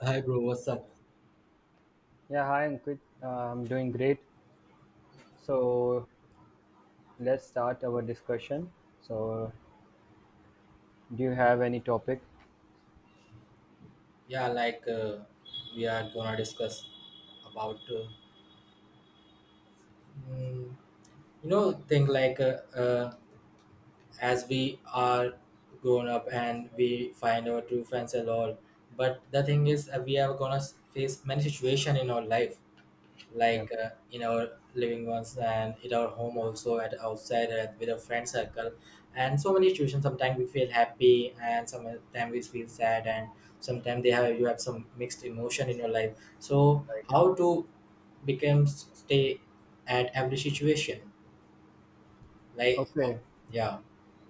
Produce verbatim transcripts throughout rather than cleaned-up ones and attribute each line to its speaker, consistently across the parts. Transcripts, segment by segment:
Speaker 1: Hi, bro. What's up?
Speaker 2: Yeah, hi Ankit. Uh, I'm doing great. So let's start our discussion. So do you have any topic?
Speaker 1: Yeah, like uh, we are gonna discuss about uh, mm, you know thing, like uh, uh, as we are grown up and we find our true friends and all. But the thing is uh, we are gonna face many situation in our life,
Speaker 2: Yeah,
Speaker 1: like uh, in our living ones and in our home, also at outside uh, with our friend circle. And so many situations, sometimes we feel happy and sometimes we feel sad, and sometimes they have you have some mixed emotion in your life. So
Speaker 2: right.
Speaker 1: how to become stay at every situation, like oh,
Speaker 2: Okay.
Speaker 1: yeah.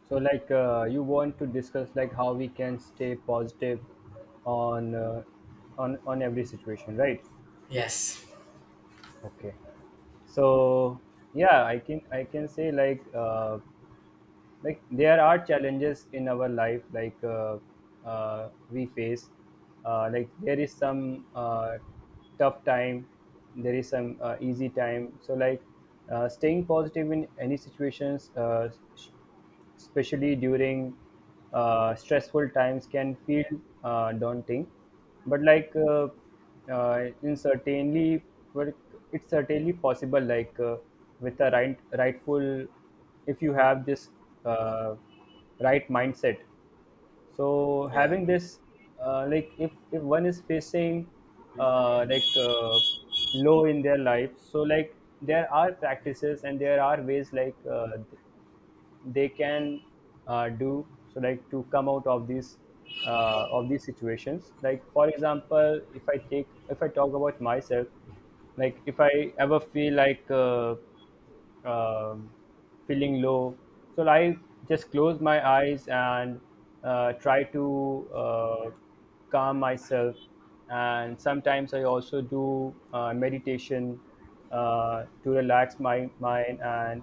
Speaker 2: So like uh, you want to discuss like how we can stay positive on uh, on on every situation, right?
Speaker 1: Yes.
Speaker 2: Okay. So yeah, I can I can say like uh, like there are challenges in our life like uh, uh, we face uh, like there is some uh, tough time, there is some uh, easy time. So like uh, staying positive in any situations, uh, s- especially during uh, stressful times can feel uh, daunting, but like uh, uh, in certainly well, it's certainly possible like uh, with the right rightful, if you have this uh, right mindset. So
Speaker 1: Yeah,
Speaker 2: having this, uh, like if if one is facing uh, like uh, low in their life. So like there are practices and there are ways like uh, th- they can uh, do, so like to come out of these uh, of these situations. Like for example, if i take if I talk about myself, like if I ever feel like uh, um, feeling low. So I just close my eyes and uh, try to uh, calm myself. And sometimes I also do uh, meditation uh, to relax my mind and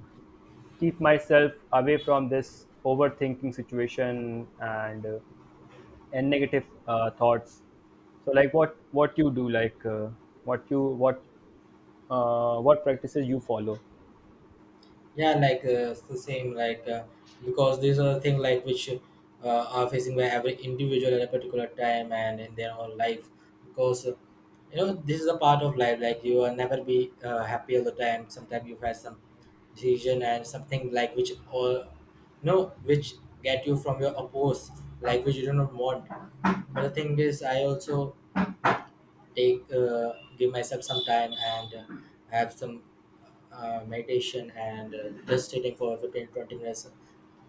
Speaker 2: keep myself away from this overthinking situation, and uh, and negative uh, thoughts. So like what what you do, like uh, what you what uh, what practices you follow?
Speaker 1: yeah, like uh, it's the same, like uh, because these are the thing like which uh, are facing by every individual at a particular time and in their own life. Because uh, you know this is a part of life. Like you will never be uh, happy all the time. Sometimes you have some decision and something like which all, no, which get you from your oppose, like which you do not want. But the thing is, I also take uh, give myself some time and uh, have some uh, meditation, and uh, just sitting for fifteen twenty minutes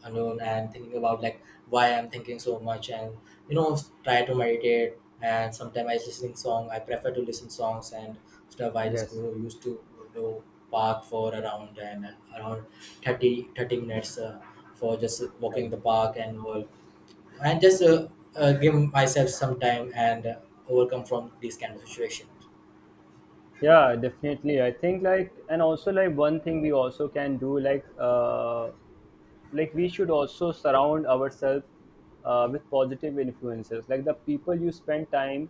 Speaker 1: alone and thinking about like why I'm thinking so much. And you know try to meditate. And sometimes I listening song, I prefer to listen songs and stuff. I just
Speaker 2: Yes,
Speaker 1: go used to go park for around and around thirty thirty minutes, uh, for just walking in
Speaker 2: like,
Speaker 1: the park and all. And just uh, uh, give myself some time and uh, overcome from these kind of situations.
Speaker 2: yeah, definitely. I think like, and also like one thing we also can do like uh like we should also surround ourselves uh, with positive influences, like the people you spend time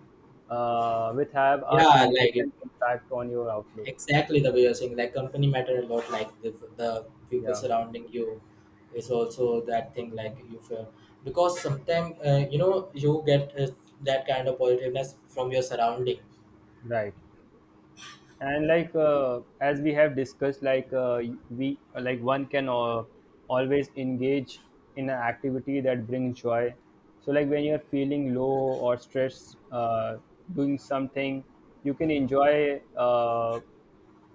Speaker 2: uh, with have a
Speaker 1: Yeah, like it,
Speaker 2: significant impact on your outlook.
Speaker 1: exactly the way you're saying, like company matter a lot, like the, the people
Speaker 2: Yeah.
Speaker 1: surrounding you is also that thing like you feel. Because sometimes uh, you know you get uh, that kind of positiveness from your surrounding.
Speaker 2: Right. And like uh, as we have discussed, like uh, we like one can uh, always engage in an activity that brings joy. So like when you're feeling low or stressed, uh, doing something you can enjoy. Uh,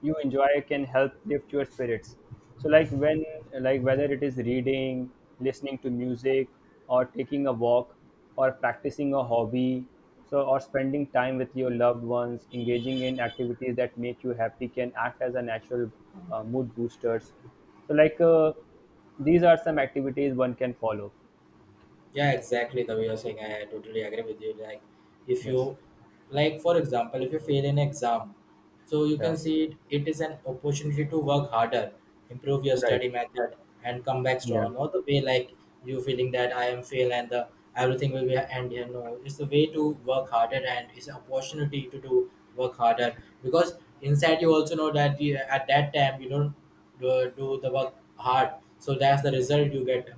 Speaker 2: You enjoy can help lift your spirits. So like when, like whether it is reading, listening to music, or taking a walk, or practicing a hobby, so or spending time with your loved ones, engaging in activities that make you happy can act as a natural uh, mood boosters. So like uh, these are some activities one can follow.
Speaker 1: Yeah, exactly. The way you're saying, I totally agree with you. Like, if
Speaker 2: Yes,
Speaker 1: you, like, for example, if you fail an exam, so you
Speaker 2: yeah,
Speaker 1: can see it, it is an opportunity to work harder, improve your
Speaker 2: right,
Speaker 1: study method, and come back
Speaker 2: yeah.
Speaker 1: strong. Not the way like you feeling that I am fail and the everything will be end here. No, it's the way to work harder, and it's an opportunity to do work harder. Because inside you also know that you, at that time you don't do, do the work hard. So that's the result you get,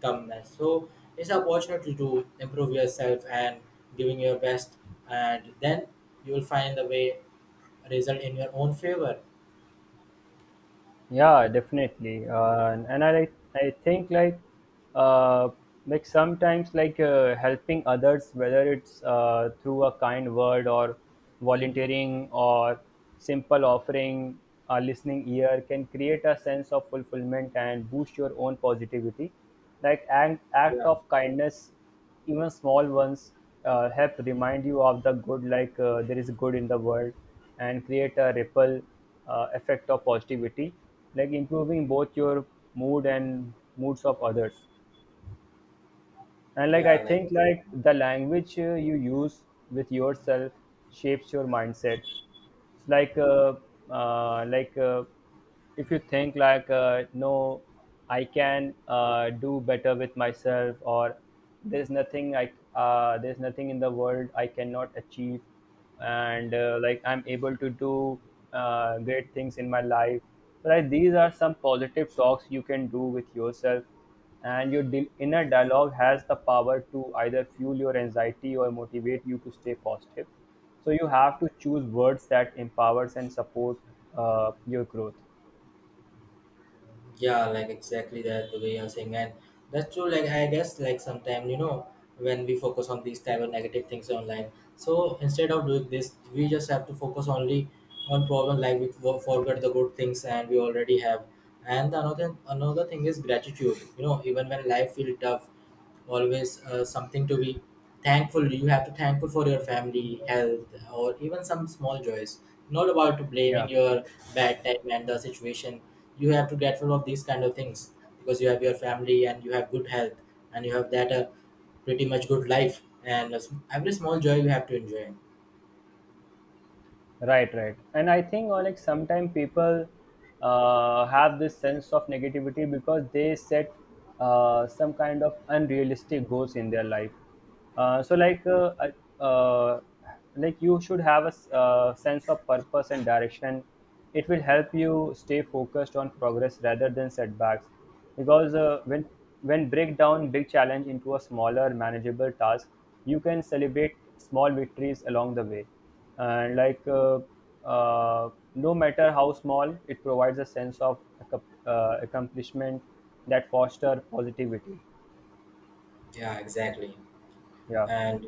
Speaker 1: comeback. So it's an opportunity to improve yourself and giving your best, and then you will find the way result in your own favor.
Speaker 2: Yeah, definitely. Uh, and, and I like- I think like, uh, like sometimes like, uh, helping others, whether it's uh, through a kind word, or volunteering, or simple offering a listening ear, can create a sense of fulfillment and boost your own positivity. Like act act
Speaker 1: Yeah,
Speaker 2: of kindness, even small ones, uh, help remind you of the good, like uh, there is good in the world, and create a ripple uh, effect of positivity, like improving both your mood and moods of others. And like I
Speaker 1: yeah, like
Speaker 2: think like the language uh, you use with yourself shapes your mindset. It's like uh, uh, like uh, if you think like uh, no, I can uh, do better with myself, or there's nothing I uh, there's nothing in the world I cannot achieve, and uh, like I'm able to do uh, great things in my life. So like these are some positive talks you can do with yourself. And your di- inner dialogue has the power to either fuel your anxiety or motivate you to stay positive. So you have to choose words that empowers and support uh, your growth.
Speaker 1: yeah, like exactly that the way you're saying, and that's true. Like I guess, like sometimes you know when we focus on these type of negative things online, so instead of doing this, we just have to focus only on problem. Like we for- forget the good things and we already have. And another another thing is gratitude. You know, even when life feels tough, always uh, something to be thankful. You have to thankful for your family health or even some small joys, not about
Speaker 2: Yeah.
Speaker 1: blaming your bad time and the situation. You have to grateful of these kind of things, because you have your family and you have good health, and you have that uh, pretty much good life. And a sm- every small joy you have to enjoy.
Speaker 2: Right, right. And I think uh, like sometimes people uh, have this sense of negativity because they set uh, some kind of unrealistic goals in their life. Uh, so like uh, I- uh, like you should have a s- uh, sense of purpose and direction. It will help you stay focused on progress rather than setbacks. Because uh, when when break down big challenge into a smaller manageable task, you can celebrate small victories along the way. And like uh, uh, no matter how small, it provides a sense of accom- uh, accomplishment that foster positivity.
Speaker 1: Yeah, exactly.
Speaker 2: Yeah,
Speaker 1: And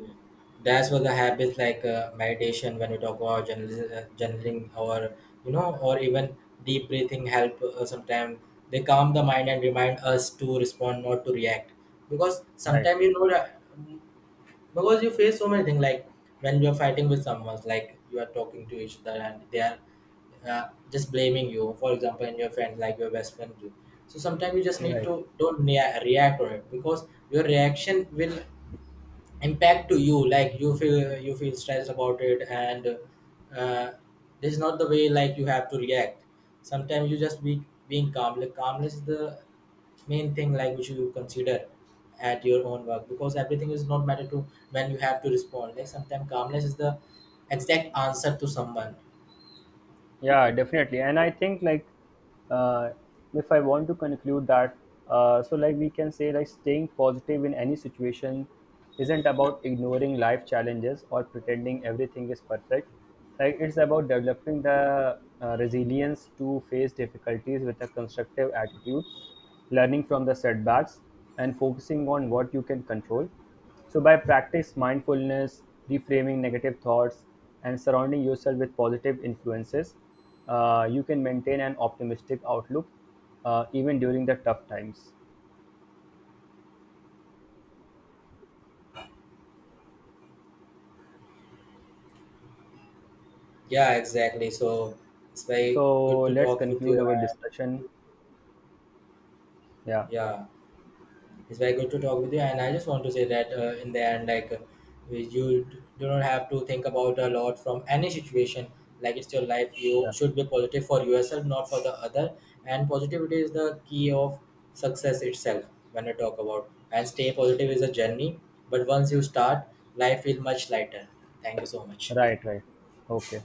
Speaker 1: that's what the habits, like uh, meditation. When we talk about journalism, uh, journaling, or you know or even deep breathing help uh, sometimes. They calm the mind and remind us to respond, not to react. Because
Speaker 2: right,
Speaker 1: sometimes you know that, because you face so many things, like when you're fighting with someone, like you are talking to each other and they are uh, just blaming you, for example, and your friend like your best friend do. So sometimes you just need
Speaker 2: right.
Speaker 1: to don't nea- react on it. Because your reaction will impact to you, like you feel you feel stressed about it. And uh, this is not the way like you have to react. Sometimes you just be being calm. Like calmness is the main thing like which you consider at your own work, because everything is not matter to when you have to respond. Like sometimes calmness is the exact answer to someone.
Speaker 2: Yeah, definitely. And I think like, uh, if I want to conclude that, uh, so like we can say like staying positive in any situation isn't about ignoring life challenges or pretending everything is perfect. Like it's about developing the uh, resilience to face difficulties with a constructive attitude, learning from the setbacks, and focusing on what you can control. So by practice mindfulness, reframing negative thoughts, and surrounding yourself with positive influences, uh, you can maintain an optimistic outlook uh, even during the tough times.
Speaker 1: Yeah, exactly. So it's very
Speaker 2: So
Speaker 1: good to
Speaker 2: let's
Speaker 1: talk with
Speaker 2: conclude
Speaker 1: you.
Speaker 2: our
Speaker 1: And
Speaker 2: discussion. Yeah,
Speaker 1: yeah, it's very good to talk with you. And I just want to say that uh, in the end, like uh, we- you d- do not have to think about a lot from any situation. Like it's your life, you
Speaker 2: yeah,
Speaker 1: should be positive for yourself, not for the other. And positivity is the key of success itself. When I talk about, and stay positive is a journey, but once you start, life feels much lighter. Thank you so much.
Speaker 2: right, right. Okay.